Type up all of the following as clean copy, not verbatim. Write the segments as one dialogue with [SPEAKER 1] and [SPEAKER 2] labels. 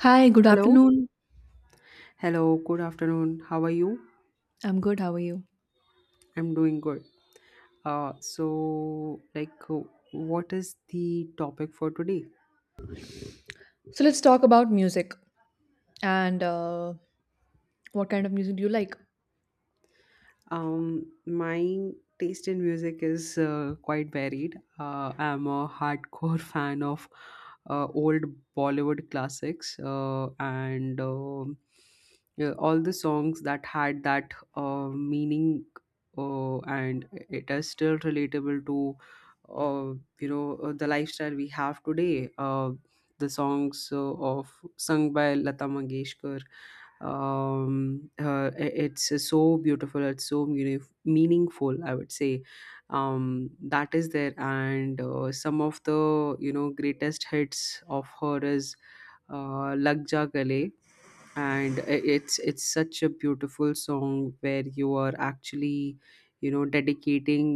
[SPEAKER 1] Hi, good
[SPEAKER 2] Hello.
[SPEAKER 1] afternoon.
[SPEAKER 2] Hello. Good afternoon. How are you?
[SPEAKER 1] I'm good. How are you?
[SPEAKER 2] I'm doing good. So, like, what is the topic for today?
[SPEAKER 1] So let's talk about music and what kind of music do you like?
[SPEAKER 2] My taste in music is quite varied. I'm a hardcore fan of old Bollywood classics, and yeah, all the songs that had that meaning, and it is still relatable to uh, the lifestyle we have today. The songs, of sung by Lata Mangeshkar. It's so beautiful, it's so meaningful, I would say. That is there, and some of the greatest hits of her is lag ja gale. And it's such a beautiful song where you are actually dedicating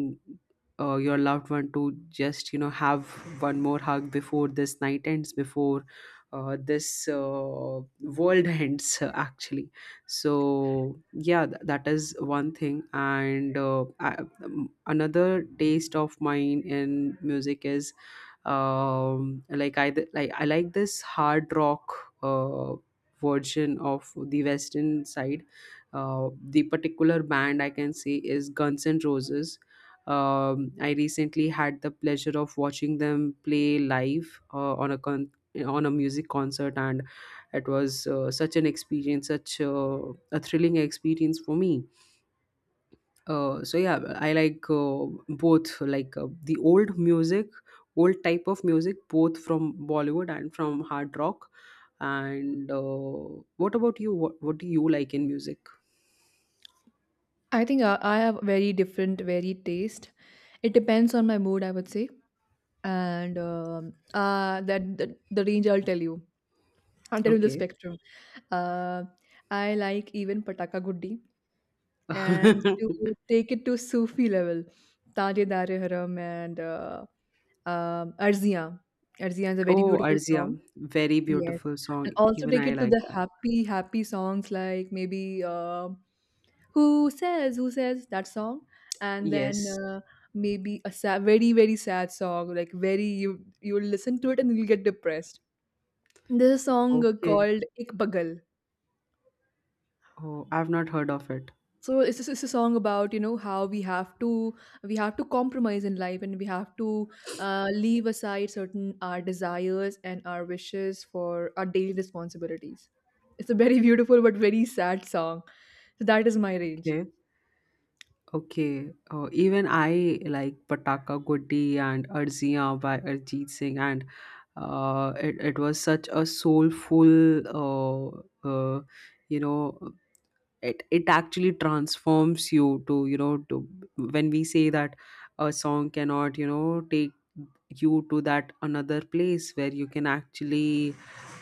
[SPEAKER 2] your loved one, to just have one more hug before this night ends, before this world ends actually. So yeah, that is one thing. And another taste of mine in music is, like I like this hard rock uh version of the western side. uh, the particular band I can say is Guns N' Roses. I recently had the pleasure of watching them play live, on a music concert, and it was such an experience, such a thrilling experience for me. So yeah, I like both, like, the old music, old type of music, both from Bollywood and from hard rock. And what about you? What do you like in music?
[SPEAKER 1] I think I have very different, varied taste. It depends on my mood, I would say, and that the range I'll tell you. I'll tell you the
[SPEAKER 2] Okay.
[SPEAKER 1] spectrum. Uh, I like even Pataka Guddi, and to take it to Sufi level, Taje Dare Haram and Arziyan. Arziyan is a very
[SPEAKER 2] Oh,
[SPEAKER 1] beautiful
[SPEAKER 2] Arzia,
[SPEAKER 1] song.
[SPEAKER 2] very
[SPEAKER 1] Yes,
[SPEAKER 2] beautiful song.
[SPEAKER 1] and also
[SPEAKER 2] Even
[SPEAKER 1] take
[SPEAKER 2] I
[SPEAKER 1] it to
[SPEAKER 2] like
[SPEAKER 1] the
[SPEAKER 2] that.
[SPEAKER 1] happy, happy songs like maybe "Who Says Who Says," that song, and then
[SPEAKER 2] Yes.
[SPEAKER 1] uh, maybe a sad, very very sad song like very you will listen to it and you'll get depressed. There's a song
[SPEAKER 2] Okay.
[SPEAKER 1] called "Ik Pagal."
[SPEAKER 2] Oh, I've not heard of it.
[SPEAKER 1] So it's a song about, you know, how we have to, we have to compromise in life and we have to leave aside certain our desires and our wishes for our daily responsibilities. It's a very beautiful but very sad song, so that is my range.
[SPEAKER 2] Okay. Okay, even I like Pataka Gutti and Arziyan by Arjit Singh, and it was such a soulful, uh, you know, it actually transforms you to, to, when we say that a song cannot, take you to that another place where you can actually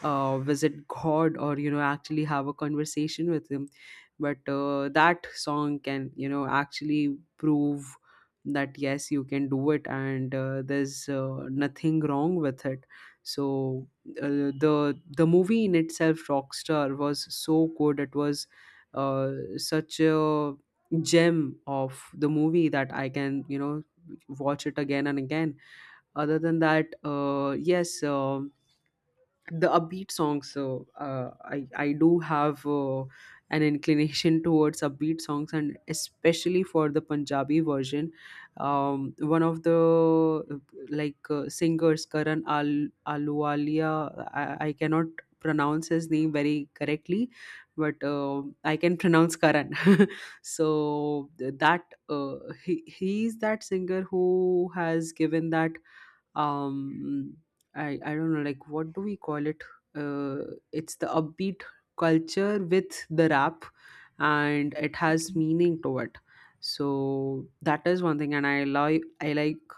[SPEAKER 2] visit god, or actually have a conversation with him. But that song can, actually prove that yes, you can do it, and there's nothing wrong with it. So uh, the movie in itself, Rockstar, was so good. It was uh, such a gem of the movie that I can, watch it again and again. Other than that, yes. The upbeat songs. So I do have an inclination towards upbeat songs, and especially for the Punjabi version. One of the singers, Karan Aluwalia, I cannot pronounce his name very correctly, but I can pronounce Karan. So th- that he's that singer who has given that, um I don't know, like, what do we call it, uh it's the upbeat culture with the rap, and it has meaning to it. So that is one thing, and I like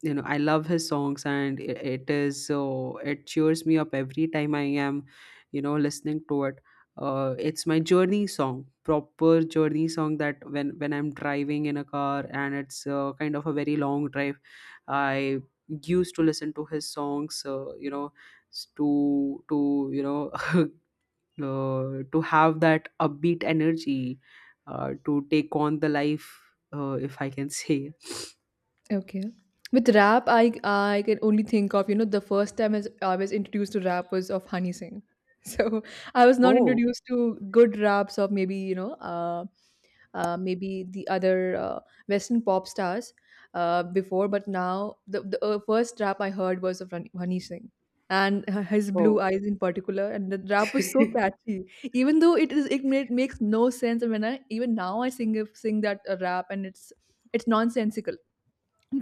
[SPEAKER 2] you know I love his songs, and it is so, it cheers me up every time I am, listening to it. It's my journey song, proper journey song, that when I'm driving in a car, and it's kind of a very long drive, I used to listen to his songs, you know s- to you know to have that upbeat energy, to take on the life, if I can say.
[SPEAKER 1] Okay. With rap, I can only think of, you know, the first time as I was introduced to rap was of Honey Singh. So I was not
[SPEAKER 2] Oh,
[SPEAKER 1] introduced to good raps of maybe, you know, maybe the other Western pop stars before, but now the first rap I heard was of Honey Singh, and his blue
[SPEAKER 2] oh.
[SPEAKER 1] eyes in particular, and the rap was so catchy, even though it is, makes no sense, and when i, even now I sing that rap and it's nonsensical,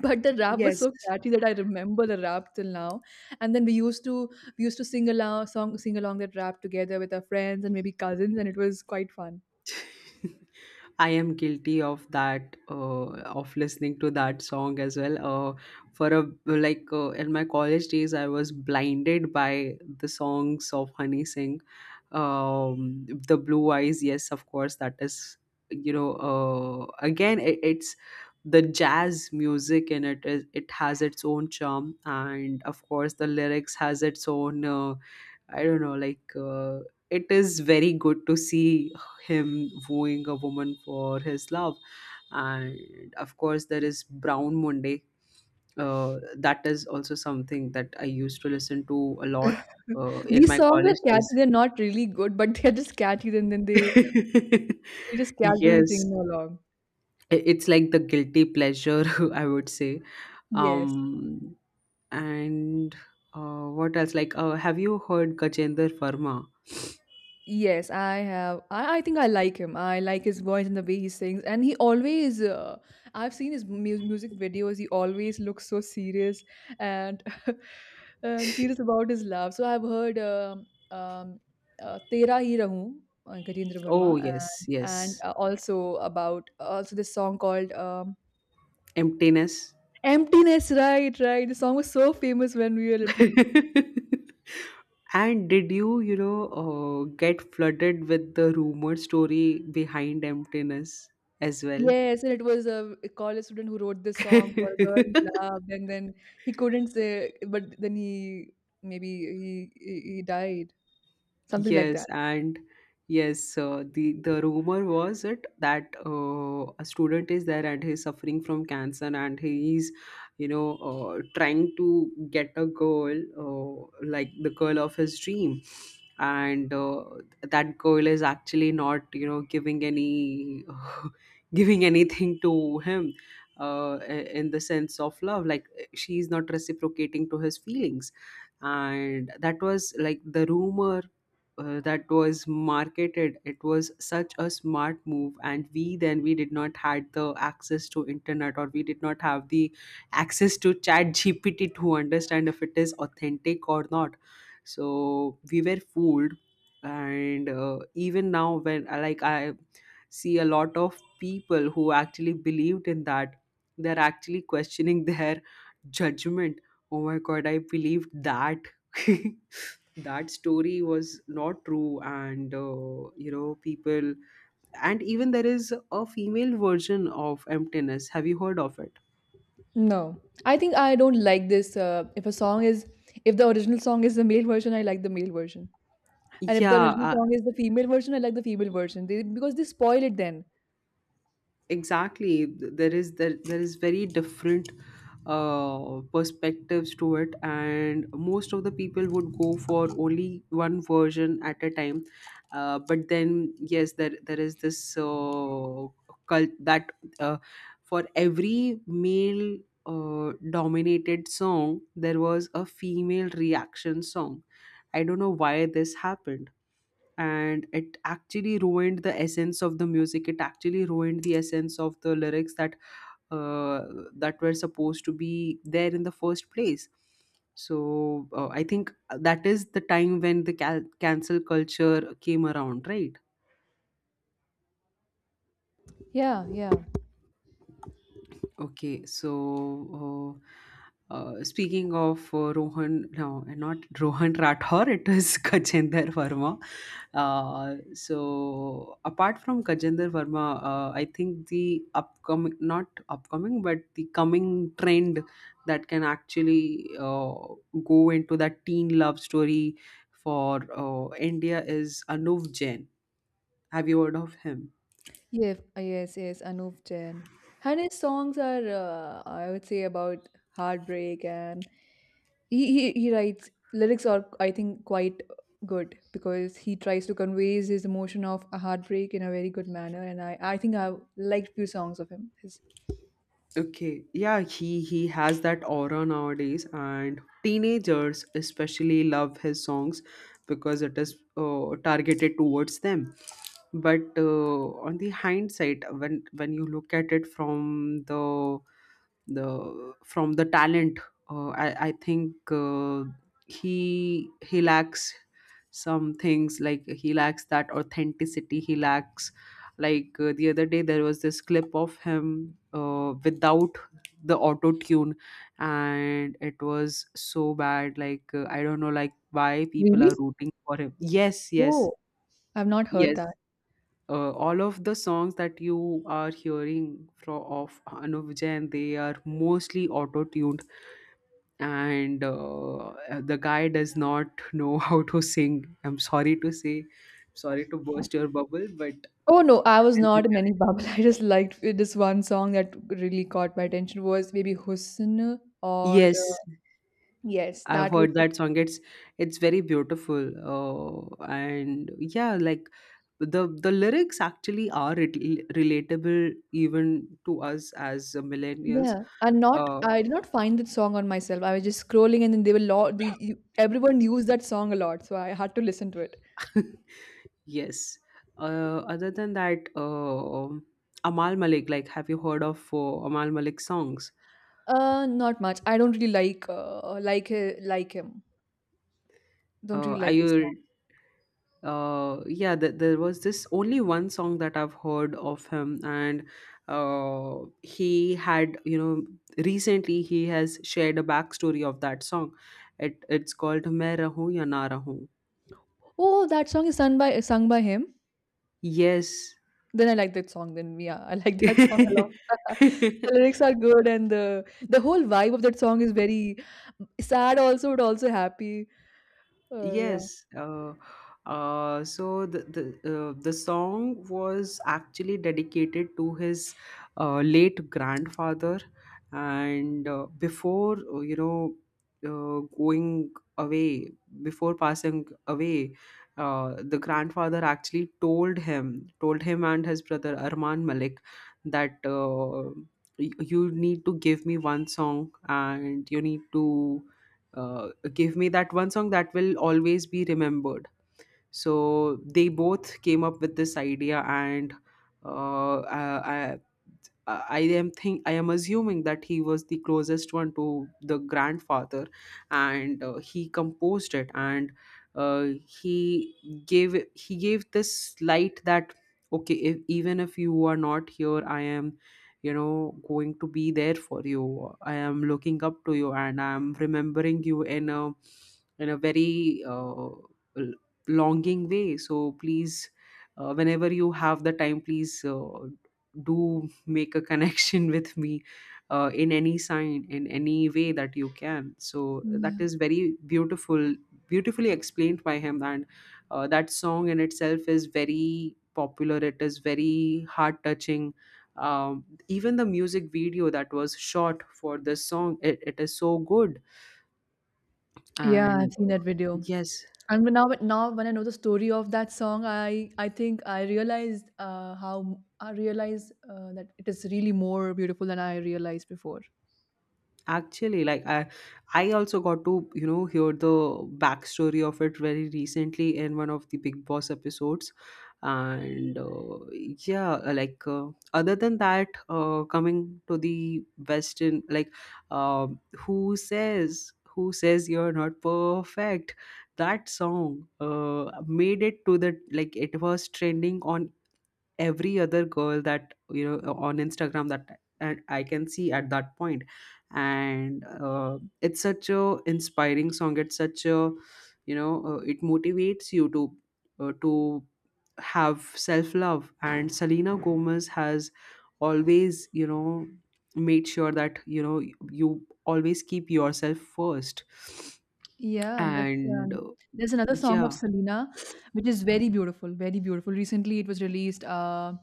[SPEAKER 1] but the rap was
[SPEAKER 2] Yes.
[SPEAKER 1] so catchy that I remember the rap till now. And then we used to sing along song sing along that rap together with our friends and maybe cousins, and it was quite fun.
[SPEAKER 2] I am guilty of that, of listening to that song as well. For a like In my college days, I was blinded by the songs of Honey Singh, the Blue Eyes. Yes, of course, that is, again it's the jazz music in it is, it has its own charm, and of course the lyrics has its own. I don't know, like, it is very good to see him wooing a woman for his love. And of course, there is Brown Monday. That is also something that I used to listen to a lot in
[SPEAKER 1] These
[SPEAKER 2] my
[SPEAKER 1] songs
[SPEAKER 2] college
[SPEAKER 1] are catchy,
[SPEAKER 2] days.
[SPEAKER 1] they're not really good, but they're just catchy, and then they, we just catch them and sing
[SPEAKER 2] Yes,
[SPEAKER 1] along.
[SPEAKER 2] it's like the guilty pleasure, I would say.
[SPEAKER 1] Yes.
[SPEAKER 2] Um, and what else? Like, have you heard Gajender Verma?
[SPEAKER 1] Yes, I have. I think I like him. I like his voice and the way he sings. And he always, I've seen his music videos. He always looks so serious and and serious about his love. So I've heard "Tera Hi Rahoon," Gajendra
[SPEAKER 2] Oh,
[SPEAKER 1] Verma,
[SPEAKER 2] yes,
[SPEAKER 1] and, and
[SPEAKER 2] yes.
[SPEAKER 1] uh, also about also this song called
[SPEAKER 2] Emptiness.
[SPEAKER 1] "Emptiness." Right, right. The song was so famous when we were little.
[SPEAKER 2] And did you, get flooded with the rumor story behind emptiness as well?
[SPEAKER 1] Yes, and it was a college student who wrote this song for a girl he loved, and then he couldn't say, but then he, maybe he, he died, something like
[SPEAKER 2] Yes,
[SPEAKER 1] that.
[SPEAKER 2] and yes, the rumor was it that a student is there and he's suffering from cancer, and he's, trying to get a girl, like the girl of his dream, and that girl is actually not, giving any, giving anything to him. In the sense of love, like, she's not reciprocating to his feelings, and that was like the rumor that was marketed. It was such a smart move, and we then we did not had the access to internet, or we did not have the access to chat gpt to understand if it is authentic or not. So we were fooled. And even now when I see a lot of people who actually believed in that, they're actually questioning their judgment. Oh my god, I believed that, that story was not true. And people. And even there is a female version of emptiness. Have you heard of it?
[SPEAKER 1] No, I think I don't like this. If a song is, if the original song is the male version, I like the male version, and if the original
[SPEAKER 2] Yeah,
[SPEAKER 1] song is the female version, I like the female version. They, because they spoil it then.
[SPEAKER 2] exactly, there is very different perspectives to it, and most of the people would go for only one version at a time. But then yes, there is this cult that, uh, for every male dominated song, there was a female reaction song. I don't know why this happened, and it actually ruined the essence of the music. It actually ruined the essence of the lyrics uh, that were supposed to be there in the first place. So I think that is the time when the cancel culture came around, right?
[SPEAKER 1] Yeah, yeah.
[SPEAKER 2] Okay, so speaking of Rohan, no, not Rohan Rathore, it is Gajender Verma. So apart from Gajender Verma, I think the upcoming, not upcoming, but the coming trend that can actually go into that teen love story for India is Anuv Jain. Have you heard of him?
[SPEAKER 1] Yes, yes, Anup Jain. And his songs are, I would say, about heartbreak, and he, he writes lyrics are, I think, quite good because he tries to conveys his emotion of a heartbreak in a very good manner. And I think I liked few songs of him. His,
[SPEAKER 2] Okay, yeah, he has that aura nowadays, and teenagers especially love his songs because it is targeted towards them. But on the hindsight, when you look at it from the from the talent, I think he lacks some things, like he lacks that authenticity. He lacks, like, the other day there was this clip of him without the auto tune, and it was so bad, like, I don't know, like, why people
[SPEAKER 1] really?
[SPEAKER 2] are rooting for him. Yes, yes,
[SPEAKER 1] Oh, I've not heard
[SPEAKER 2] yes.
[SPEAKER 1] that.
[SPEAKER 2] All of the songs that you are hearing from of Anup Jain, they are mostly auto tuned, and the guy does not know how to sing. I'm sorry to say, sorry to burst your bubble, but
[SPEAKER 1] Oh no, I was
[SPEAKER 2] it's the
[SPEAKER 1] not
[SPEAKER 2] reality.
[SPEAKER 1] in any bubble. I just liked this one song that really caught my attention was maybe Husn or
[SPEAKER 2] Yes,
[SPEAKER 1] yes,
[SPEAKER 2] I've
[SPEAKER 1] that was.
[SPEAKER 2] heard that song. It's very beautiful. And yeah, like, the lyrics actually are relatable even to us as millennials.
[SPEAKER 1] Yeah, and not
[SPEAKER 2] Uh,
[SPEAKER 1] I did not find that song on myself. I was just scrolling, and then they were lot. The everyone used that song a lot, so I had to listen to it.
[SPEAKER 2] yes. Other than that, Amal Malik. Like, have you heard of Amal Malik songs?
[SPEAKER 1] Not much. I don't really like like him. Don't really
[SPEAKER 2] Are
[SPEAKER 1] like his song.
[SPEAKER 2] you yeah, there was this only one song that I've heard of him, and uh he had, recently he has shared a backstory of that song. It's called main rahu ya na rahu.
[SPEAKER 1] Oh, that song is sung by him.
[SPEAKER 2] Yes.
[SPEAKER 1] Then I like that song. Then yeah, I like that song a lot. The lyrics are good, and the whole vibe of that song is very sad, also, but also happy. Uh, yeah,
[SPEAKER 2] Yes. The song was actually dedicated to his late grandfather, and before going away, before passing away, the grandfather actually told him and his brother Arman Malik that you need to give me one song, and you need to uh, give me that one song that will always be remembered. So they both came up with this idea, and uh, I, I I am think I am assuming that he was the closest one to the grandfather. And he composed it, and he gave this light that okay, if, even if you are not here, I am going to be there for you. I am looking up to you, and I am remembering you in a very longing way, so please, whenever you have the time, please do make a connection with me in any sign, in any way that you can. So
[SPEAKER 1] yeah,
[SPEAKER 2] that is very beautifully explained by him. And that song in itself is very popular. It is very heart touching. Even the music video that was shot for this song, it is so good.
[SPEAKER 1] yeah. I've
[SPEAKER 2] And
[SPEAKER 1] seen that video.
[SPEAKER 2] yes.
[SPEAKER 1] And when now, now when I know the story of that song, I think I realized, how I realized, that it is really more beautiful than I realized before.
[SPEAKER 2] Actually, like I, also got to hear the backstory of it very recently in one of the Big Boss episodes, and yeah, other than that, coming to the Western, like, who says you're not perfect? That song made it to the, like, it was trending on every other girl that, you know, on Instagram, that and I can see at that point. And it's such a inspiring song. It's such a, it motivates you to, uh, to have self love. And Selena Gomez has always, you know, made sure that, you know, you always keep yourself first.
[SPEAKER 1] Yeah, and that's,
[SPEAKER 2] And
[SPEAKER 1] there's another song of
[SPEAKER 2] yeah,
[SPEAKER 1] Selena, which is very beautiful, very beautiful. Recently, it was released,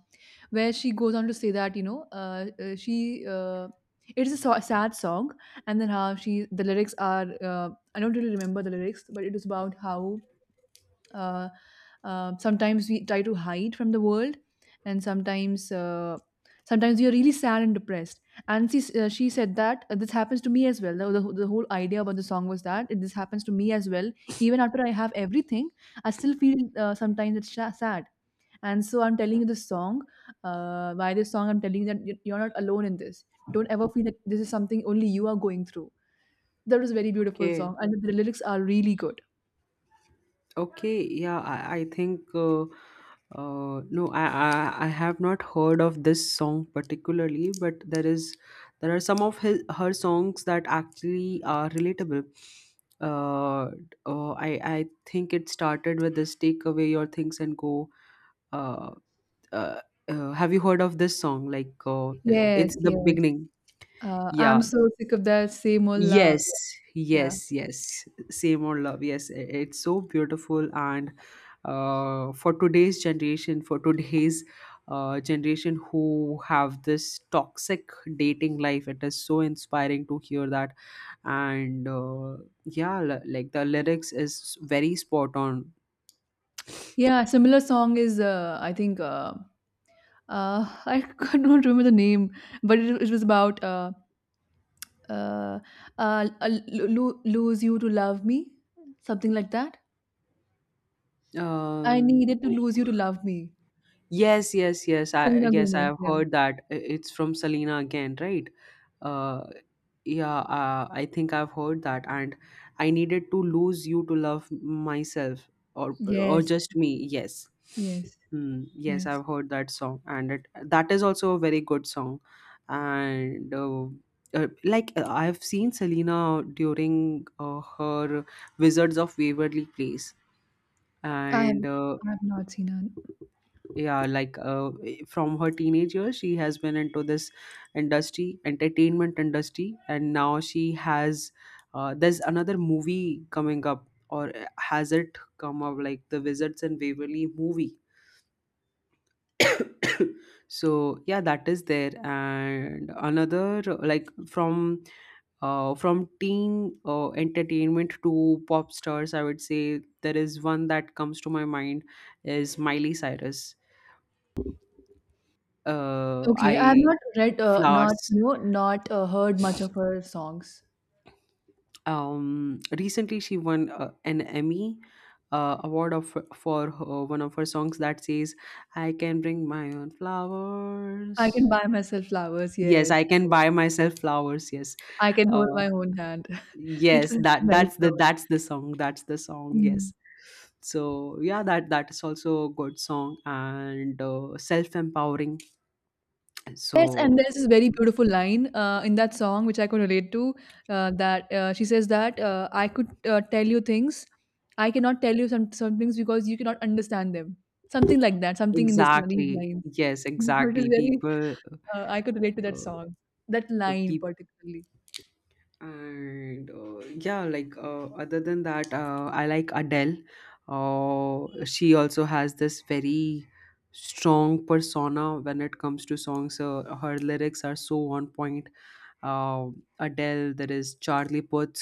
[SPEAKER 1] where she goes on to say that, you know, she it is a sad song, and then how she, the lyrics are, I don't really remember the lyrics, but it is about how, uh, sometimes we try to hide from the world, and sometimes, sometimes we are really sad and depressed, and she said that, this happens to me as well. The, the whole idea about the song was that it, this happens to me as well, even after I have everything, I still feel, sometimes it's sad, and so I'm telling you this song, by this song I'm telling you that you're not alone in this. Don't ever feel that this is something only you are going through. That was a very beautiful
[SPEAKER 2] okay.
[SPEAKER 1] song and the lyrics are really good.
[SPEAKER 2] Okay, yeah, I think, no, I, I have not heard of this song particularly, but there is, there are some of his her songs that actually are relatable. Uh, I think it started with this "Take away your things and go." Uh, uh, have you heard of this song? Like,
[SPEAKER 1] Yes,
[SPEAKER 2] it's the
[SPEAKER 1] yes.
[SPEAKER 2] beginning.
[SPEAKER 1] I'm
[SPEAKER 2] Yeah,
[SPEAKER 1] so sick of that same old love.
[SPEAKER 2] yes,
[SPEAKER 1] Yeah.
[SPEAKER 2] yes, yes. Same old love. Yes, it's so beautiful. And for today's generation who have this toxic dating life, it is so inspiring to hear that. And yeah, like the lyrics is very spot on.
[SPEAKER 1] Yeah, similar song is I think I don't remember the name, but it was about uh, lose you to love me, something like that. I
[SPEAKER 2] Uh,
[SPEAKER 1] needed to lose you to love me.
[SPEAKER 2] Yes, yes, yes.
[SPEAKER 1] Selena
[SPEAKER 2] I yes, I
[SPEAKER 1] Gomez.
[SPEAKER 2] have
[SPEAKER 1] Yeah.
[SPEAKER 2] heard that it's from Selena again, right? Uh, yeah, I think I've heard that, and I needed to lose you to love myself, or or
[SPEAKER 1] Yes.
[SPEAKER 2] just me. Yes,
[SPEAKER 1] Yes.
[SPEAKER 2] hmm, yes,
[SPEAKER 1] Yes.
[SPEAKER 2] I've heard that song, and that is also a very good song, and. Like, I've seen Selena during her Wizards of Waverly Place,
[SPEAKER 1] I have
[SPEAKER 2] and
[SPEAKER 1] I have not seen her.
[SPEAKER 2] yeah, like, from her teenage years, she has been into this industry, entertainment industry, and now she has, there's another movie coming up, or has it come up, like the Wizards and Waverly movie. So yeah, that is there. And another like, from teen entertainment to pop stars, I would say there is one that comes to my mind is Miley Cyrus. Uh,
[SPEAKER 1] Okay, I have
[SPEAKER 2] I
[SPEAKER 1] not read, not
[SPEAKER 2] Flowers.
[SPEAKER 1] you know, not heard much of her songs.
[SPEAKER 2] Recently, she won an Emmy award of for her, one of her songs that says, "I can bring my own
[SPEAKER 1] I
[SPEAKER 2] flowers."
[SPEAKER 1] can buy myself flowers.
[SPEAKER 2] Yes,
[SPEAKER 1] Yes,
[SPEAKER 2] I can buy myself flowers. Yes,
[SPEAKER 1] I can hold
[SPEAKER 2] uh,
[SPEAKER 1] my own hand. It's
[SPEAKER 2] yes.
[SPEAKER 1] a
[SPEAKER 2] That
[SPEAKER 1] nice
[SPEAKER 2] that's the
[SPEAKER 1] song.
[SPEAKER 2] that's the song. That's the song.
[SPEAKER 1] Mhm.
[SPEAKER 2] Yes. So yeah, that that is also a good song and self empowering.
[SPEAKER 1] Yes, and
[SPEAKER 2] So
[SPEAKER 1] there's this very beautiful line in that song which I could relate to. That she says that, I could tell you things, I cannot tell you some things because you cannot understand them. Something like that. Something in this these
[SPEAKER 2] exactly,
[SPEAKER 1] lines.
[SPEAKER 2] yes,
[SPEAKER 1] It is
[SPEAKER 2] exactly.
[SPEAKER 1] very.
[SPEAKER 2] People,
[SPEAKER 1] I could relate to that
[SPEAKER 2] uh,
[SPEAKER 1] song. That line
[SPEAKER 2] people.
[SPEAKER 1] particularly.
[SPEAKER 2] And yeah, like, other than that, I like Adele. She also has this very strong persona when it comes to songs. Her lyrics are so on point. uh, Adele, there is Charlie Puth.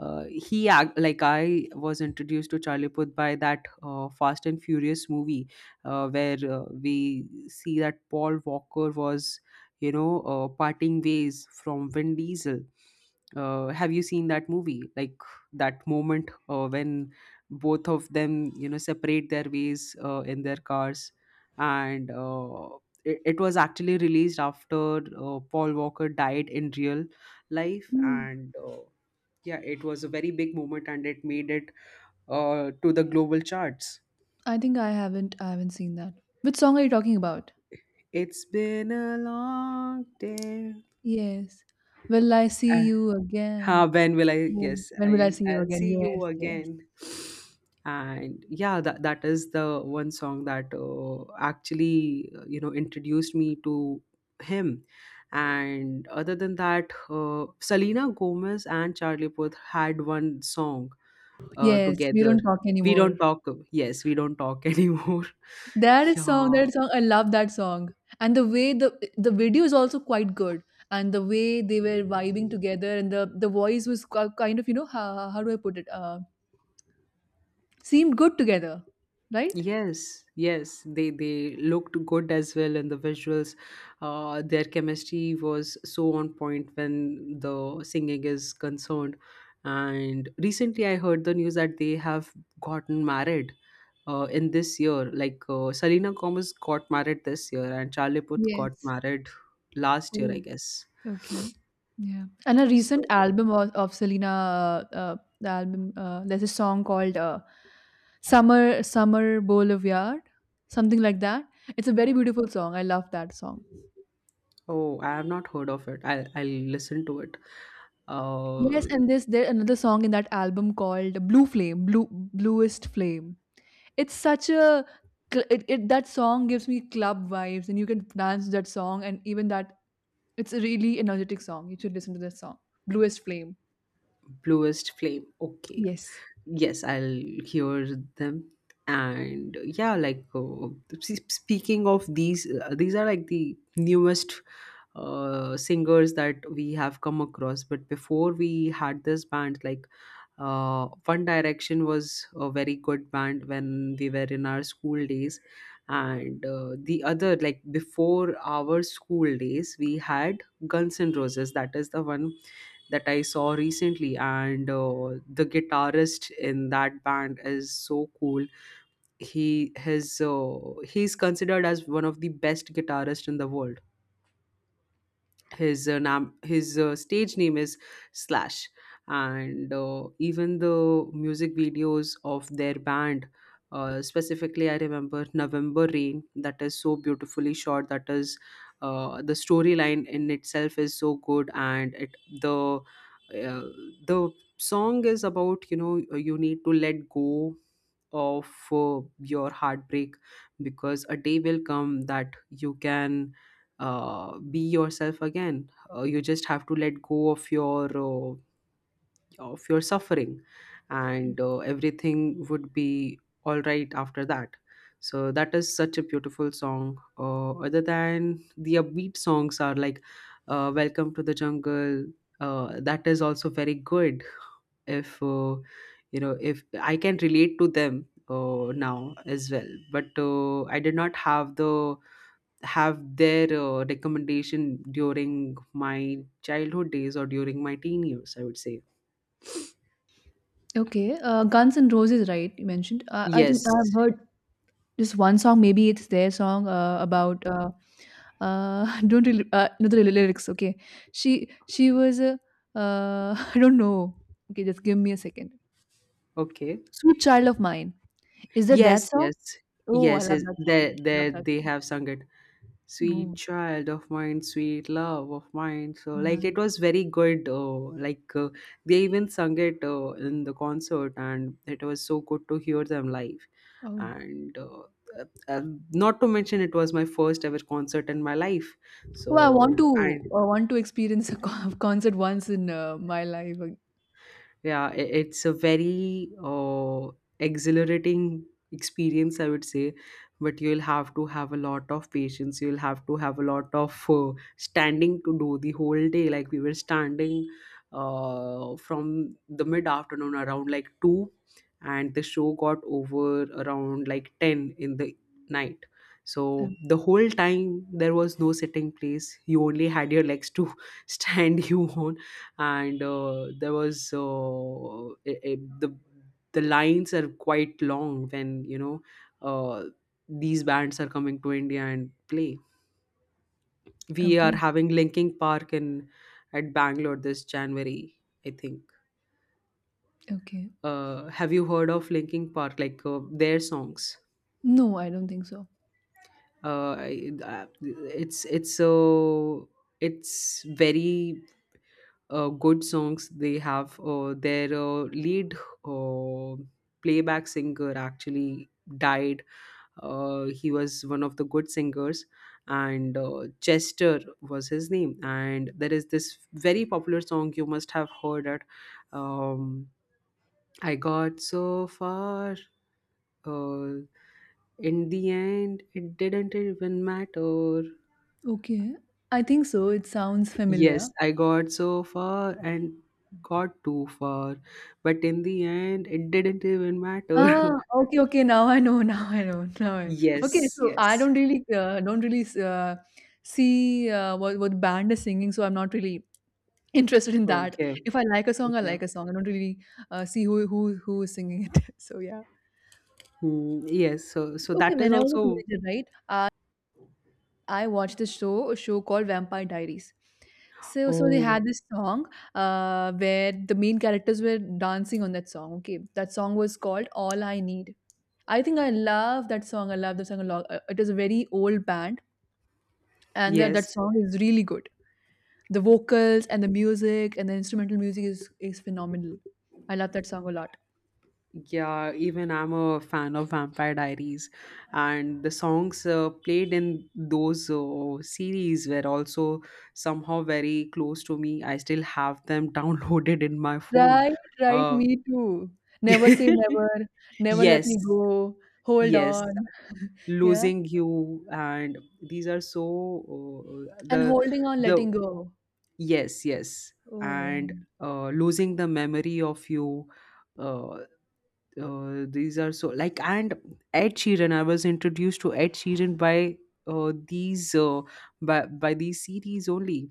[SPEAKER 2] Like, I was introduced to Charlie Puth by that Fast and Furious movie, where we see that Paul Walker was, you know, parting ways from Vin Diesel. Have you seen that movie? Like that moment when both of them, you know, separate their ways in their cars and. It, it was actually released after Paul Walker died in real life,
[SPEAKER 1] Mm,
[SPEAKER 2] and yeah, it was a very big moment, and it made it to the global charts.
[SPEAKER 1] I think I haven't. I haven't seen that. Which song are you talking about?
[SPEAKER 2] It's been a long day.
[SPEAKER 1] Yes. Will I see you again?
[SPEAKER 2] When will I?
[SPEAKER 1] Mm,
[SPEAKER 2] Yes,
[SPEAKER 1] when will I see you
[SPEAKER 2] I'll
[SPEAKER 1] again?
[SPEAKER 2] see you
[SPEAKER 1] Yes. Yes.
[SPEAKER 2] again. And yeah, that, that is the one song that actually, introduced me to him. And other than that, Selena Gomez and Charlie Puth had one song
[SPEAKER 1] Yes. We
[SPEAKER 2] together.
[SPEAKER 1] don't talk
[SPEAKER 2] We don't
[SPEAKER 1] anymore.
[SPEAKER 2] talk. Yes, we don't talk anymore.
[SPEAKER 1] That is song,
[SPEAKER 2] Yeah,
[SPEAKER 1] that song, I love that song. And the way the video is also quite good. And the way they were vibing together, and the voice was kind of, you know, how do I put it? Seemed good together, right?
[SPEAKER 2] yes, yes, they looked good as well, and the visuals, their chemistry was so on point when the singing is concerned. And recently, I heard the news that they have gotten married in this year. Like, Selena Gomez got married this year, and Charlie Puth got
[SPEAKER 1] Yes.
[SPEAKER 2] married last year,
[SPEAKER 1] Oh,
[SPEAKER 2] I guess.
[SPEAKER 1] okay. Yeah. And a recent
[SPEAKER 2] So,
[SPEAKER 1] album of Selena, the album, there's a song called "Summer Summer Boulevard," something like that. It's a very beautiful song. I love that song.
[SPEAKER 2] oh, I have not heard of it. I'll listen to it.
[SPEAKER 1] Yes,
[SPEAKER 2] Uh,
[SPEAKER 1] and this there another song in that album called Blue Flame, Blue, Bluest Flame. It's such a it, it that song gives me club vibes and you can dance that song, and even that, it's a really energetic song. You should listen to that song. Bluest Flame.
[SPEAKER 2] Bluest Flame. Okay.
[SPEAKER 1] Yes.
[SPEAKER 2] Yes, I'll hear them. And yeah, like, speaking of these, these are like the newest singers that we have come across, but before we had this band like, One Direction was a very good band when we were in our school days, and the other, like before our school days, we had Guns N' Roses. That is the one that I saw recently, and the guitarist in that band is so cool. He his uh, he's considered as one of the best guitarists in the world. His stage name is Slash. And even the music videos of their band, specifically, I remember November Rain. That is so beautifully shot. That is, the storyline in itself is so good, and it the uh, the song is about, you know, you need to let go of, your heartbreak, because a day will come that you can be yourself again. You just have to let go of your suffering, and everything would be all right after that. So that is such a beautiful song. Other than the upbeat songs are like, "Welcome to the Jungle." That is also very good. If, you know, if I can relate to them now as well, but I did not have the have their recommendation during my childhood days or during my teen years, I would say,
[SPEAKER 1] Okay. Guns and Roses, right? You mentioned. I think
[SPEAKER 2] yes,
[SPEAKER 1] I've heard just one song. Maybe it's their song about. Don't really no the lyrics. Okay. She was a. I don't know. Okay, just give me a second.
[SPEAKER 2] okay,
[SPEAKER 1] Sweet Child of Mine. Is that that
[SPEAKER 2] yes,
[SPEAKER 1] song?
[SPEAKER 2] yes,
[SPEAKER 1] Oh, I
[SPEAKER 2] yes,
[SPEAKER 1] love
[SPEAKER 2] yes,
[SPEAKER 1] that song.
[SPEAKER 2] they
[SPEAKER 1] I love that
[SPEAKER 2] they
[SPEAKER 1] song.
[SPEAKER 2] have sung it. Sweet
[SPEAKER 1] Oh,
[SPEAKER 2] Child of Mine, Sweet Love of Mine. So like,
[SPEAKER 1] man.
[SPEAKER 2] it was very good. Like uh, they even sung it in the concert, and it was so good to hear them live.
[SPEAKER 1] Oh.
[SPEAKER 2] And uh, uh, not to mention, it was my first ever concert in my life.
[SPEAKER 1] Oh, I want
[SPEAKER 2] So
[SPEAKER 1] to
[SPEAKER 2] and
[SPEAKER 1] I want to experience a concert once in my life. Ag-
[SPEAKER 2] yeah, it's a very exhilarating experience, I would say. But you'll have to have a lot of patience. You'll have to have a lot of standing to do the whole day. Like, we were standing from the mid afternoon around like 2, and the show got over around like 10 in the night. So
[SPEAKER 1] Um,
[SPEAKER 2] the whole time there was no sitting place. You only had your legs to stand you on. And there was the lines are quite long when, you know, uh, these bands are coming to India and play. We are
[SPEAKER 1] okay.
[SPEAKER 2] having Linking Park in at Bangalore this January, I think.
[SPEAKER 1] Okay.
[SPEAKER 2] Have you heard of Linking Park? Like, their songs?
[SPEAKER 1] No, I don't think so.
[SPEAKER 2] Uh, I- uh, it's so, it's very good songs. They have their lead uh, playback singer actually died. He was one of the good singers, and Chester was his name. And there is this very popular song, you must have heard it. Um, I got so far. Uh, in the end, it didn't even matter.
[SPEAKER 1] Okay. I think so. It sounds
[SPEAKER 2] Yes,
[SPEAKER 1] familiar.
[SPEAKER 2] I got so far and got too far, but in the end, it didn't even matter.
[SPEAKER 1] Ah, okay, okay. Now I know. Now I know. Now I, okay.
[SPEAKER 2] Yes,
[SPEAKER 1] So I
[SPEAKER 2] yes.
[SPEAKER 1] don't really see what band is singing. So I'm not really interested in that.
[SPEAKER 2] Okay,
[SPEAKER 1] If I like a song, I
[SPEAKER 2] okay.
[SPEAKER 1] like a song. I don't really see who who is singing it. So yeah.
[SPEAKER 2] Hmm, yes, so so
[SPEAKER 1] Okay,
[SPEAKER 2] that is
[SPEAKER 1] when I was a
[SPEAKER 2] also,
[SPEAKER 1] teenager, right? I I watched this show, a show called Vampire Diaries. So so they had
[SPEAKER 2] oh,
[SPEAKER 1] this song where the main characters were dancing on that song. Okay, that song was called All I Need. I think I love that song. I love the song a lot. It is a very old band, and that,
[SPEAKER 2] yes.
[SPEAKER 1] that song is really good. The vocals and the music and the instrumental music is phenomenal. I love that song a lot.
[SPEAKER 2] Yeah, even I'm a fan of Vampire Diaries, and the songs played in those series were also somehow very close to me. I still have them downloaded in my phone.
[SPEAKER 1] Right, right,
[SPEAKER 2] Uh,
[SPEAKER 1] me too. Never say never, never let
[SPEAKER 2] yes,
[SPEAKER 1] me go, hold
[SPEAKER 2] yes,
[SPEAKER 1] on. Yeah,
[SPEAKER 2] losing you, and these are so, uh,
[SPEAKER 1] and
[SPEAKER 2] the
[SPEAKER 1] holding on,
[SPEAKER 2] the
[SPEAKER 1] letting go.
[SPEAKER 2] yes, yes.
[SPEAKER 1] Oh, yeah,
[SPEAKER 2] And losing the memory of you, uh, these are so like. And Ed Sheeran, I was introduced to Ed Sheeran by these by these series only.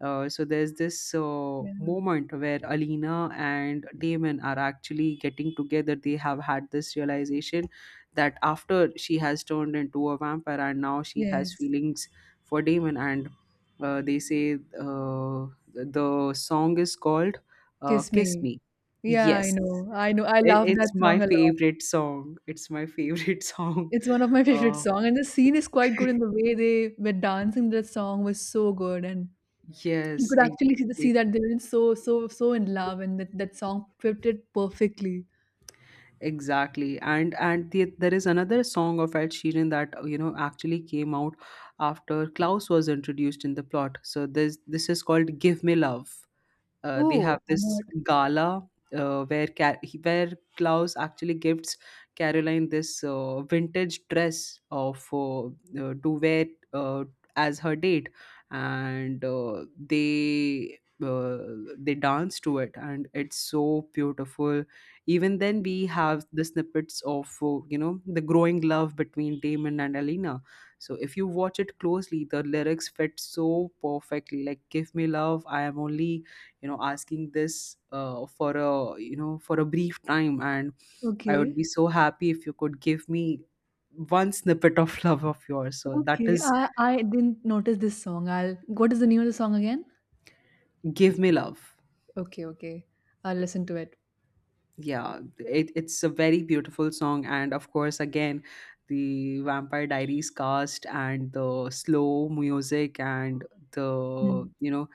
[SPEAKER 2] So there's this
[SPEAKER 1] yeah,
[SPEAKER 2] moment where Alina and Damon are actually getting together. They have had this realization that after she has turned into a vampire and now she has
[SPEAKER 1] yes,
[SPEAKER 2] feelings for Damon, and they say, uh, the song is called
[SPEAKER 1] kiss
[SPEAKER 2] "Kiss
[SPEAKER 1] me.
[SPEAKER 2] Me."
[SPEAKER 1] Yeah, I
[SPEAKER 2] Yes,
[SPEAKER 1] know, I know. I
[SPEAKER 2] it,
[SPEAKER 1] love that
[SPEAKER 2] it's my
[SPEAKER 1] song a lot.
[SPEAKER 2] favorite song. It's my favorite song.
[SPEAKER 1] It's one of my favorite
[SPEAKER 2] Uh,
[SPEAKER 1] song, and the scene is quite good. In the way they were dancing, that song was so good, and you
[SPEAKER 2] yes,
[SPEAKER 1] could actually see, see
[SPEAKER 2] exactly.
[SPEAKER 1] that they were in so, so, so in love, and that that song fit it perfectly.
[SPEAKER 2] Exactly, and the, there is another song of Ed Sheeran that you know, actually came out after Klaus was introduced in the plot. So this is called "Give Me Love." They have
[SPEAKER 1] Oh, I'm
[SPEAKER 2] this
[SPEAKER 1] not
[SPEAKER 2] gala where Klaus actually gifts Caroline this vintage dress of to wear uh, as her date, and they dance to it, and it's so beautiful. Even then, we have the snippets of, you know, the growing love between Damon and Alina. So if you watch it closely, the lyrics fit so perfectly. Like, give me love, I am only, you know, asking this for a, you know, for a brief time, and I would
[SPEAKER 1] okay.
[SPEAKER 2] be so happy if you could give me one snippet of love of yours. So that
[SPEAKER 1] Okay,
[SPEAKER 2] is
[SPEAKER 1] I didn't notice this song. I'll, what is the name of the song again?
[SPEAKER 2] give me love.
[SPEAKER 1] Okay, okay, I'll listen to it.
[SPEAKER 2] Yeah, it, it's a very beautiful song, and of course, again, the Vampire Diaries cast, and the slow music, and
[SPEAKER 1] Mm.
[SPEAKER 2] the you know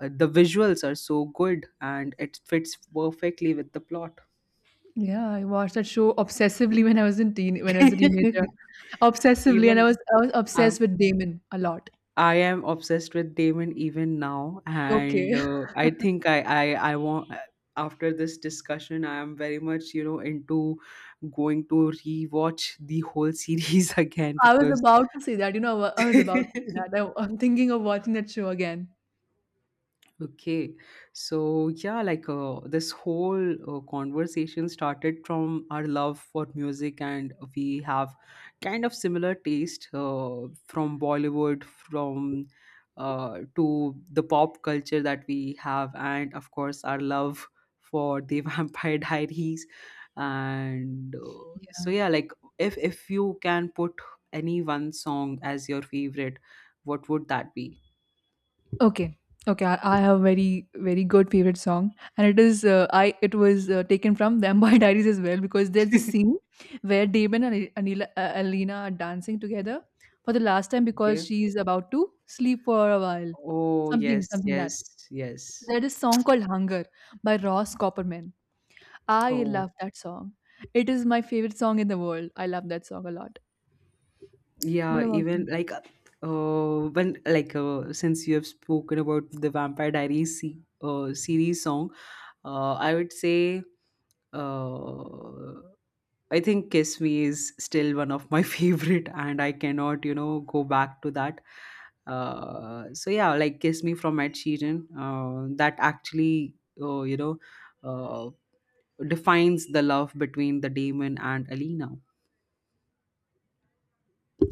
[SPEAKER 2] the visuals are so good, and it fits perfectly with the plot.
[SPEAKER 1] Yeah, I watched that show obsessively when I was in teen when I was a teenager, obsessively, and
[SPEAKER 2] Even,
[SPEAKER 1] I was
[SPEAKER 2] uh,
[SPEAKER 1] obsessed with Damon a lot.
[SPEAKER 2] I am obsessed with Damon even now,
[SPEAKER 1] Okay,
[SPEAKER 2] and I think I I want, after this discussion, I am very much, you know, into going to rewatch the whole series again
[SPEAKER 1] I was
[SPEAKER 2] because
[SPEAKER 1] about to say that. You know, I was about to say that. I'm thinking of watching that show again.
[SPEAKER 2] okay, so yeah, like, this whole conversation started from our love for music, and we have kind of similar taste from Bollywood, from, to the pop culture that we have, and of course, our love for the Vampire Diaries. And so yeah, like, if you can put any one song as your favorite, what would that be?
[SPEAKER 1] Okay. Okay, I have very very good favorite song, and it is, I it was taken from the Vampire Diaries as well, because there's this scene where Damon and Anila, Alina are dancing together for the last time because
[SPEAKER 2] Okay.
[SPEAKER 1] she's about to sleep for a while,
[SPEAKER 2] Oh,
[SPEAKER 1] something
[SPEAKER 2] yes,
[SPEAKER 1] something that.
[SPEAKER 2] yes, yes.
[SPEAKER 1] There's a song called Hunger by Ross Copperman. I
[SPEAKER 2] Oh,
[SPEAKER 1] love that song. It is my favorite song in the world. I love that song a lot. What
[SPEAKER 2] yeah,
[SPEAKER 1] about
[SPEAKER 2] even
[SPEAKER 1] you?
[SPEAKER 2] like, oh, when like, since you have spoken about the Vampire Diaries se series song, I would say, uh I think Kiss Me is still one of my favorite, and I cannot, you know, go back to that. So yeah, like Kiss Me from Ed Sheeran, that actually, uh, you know, uh defines the love between the Damon and Alina.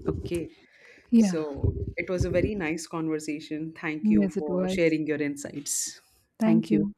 [SPEAKER 2] Okay.
[SPEAKER 1] Yeah.
[SPEAKER 2] So it was a very nice conversation. Thank you
[SPEAKER 1] Yes, it
[SPEAKER 2] for
[SPEAKER 1] was.
[SPEAKER 2] sharing your insights.
[SPEAKER 1] Thank
[SPEAKER 2] Thank you.
[SPEAKER 1] you.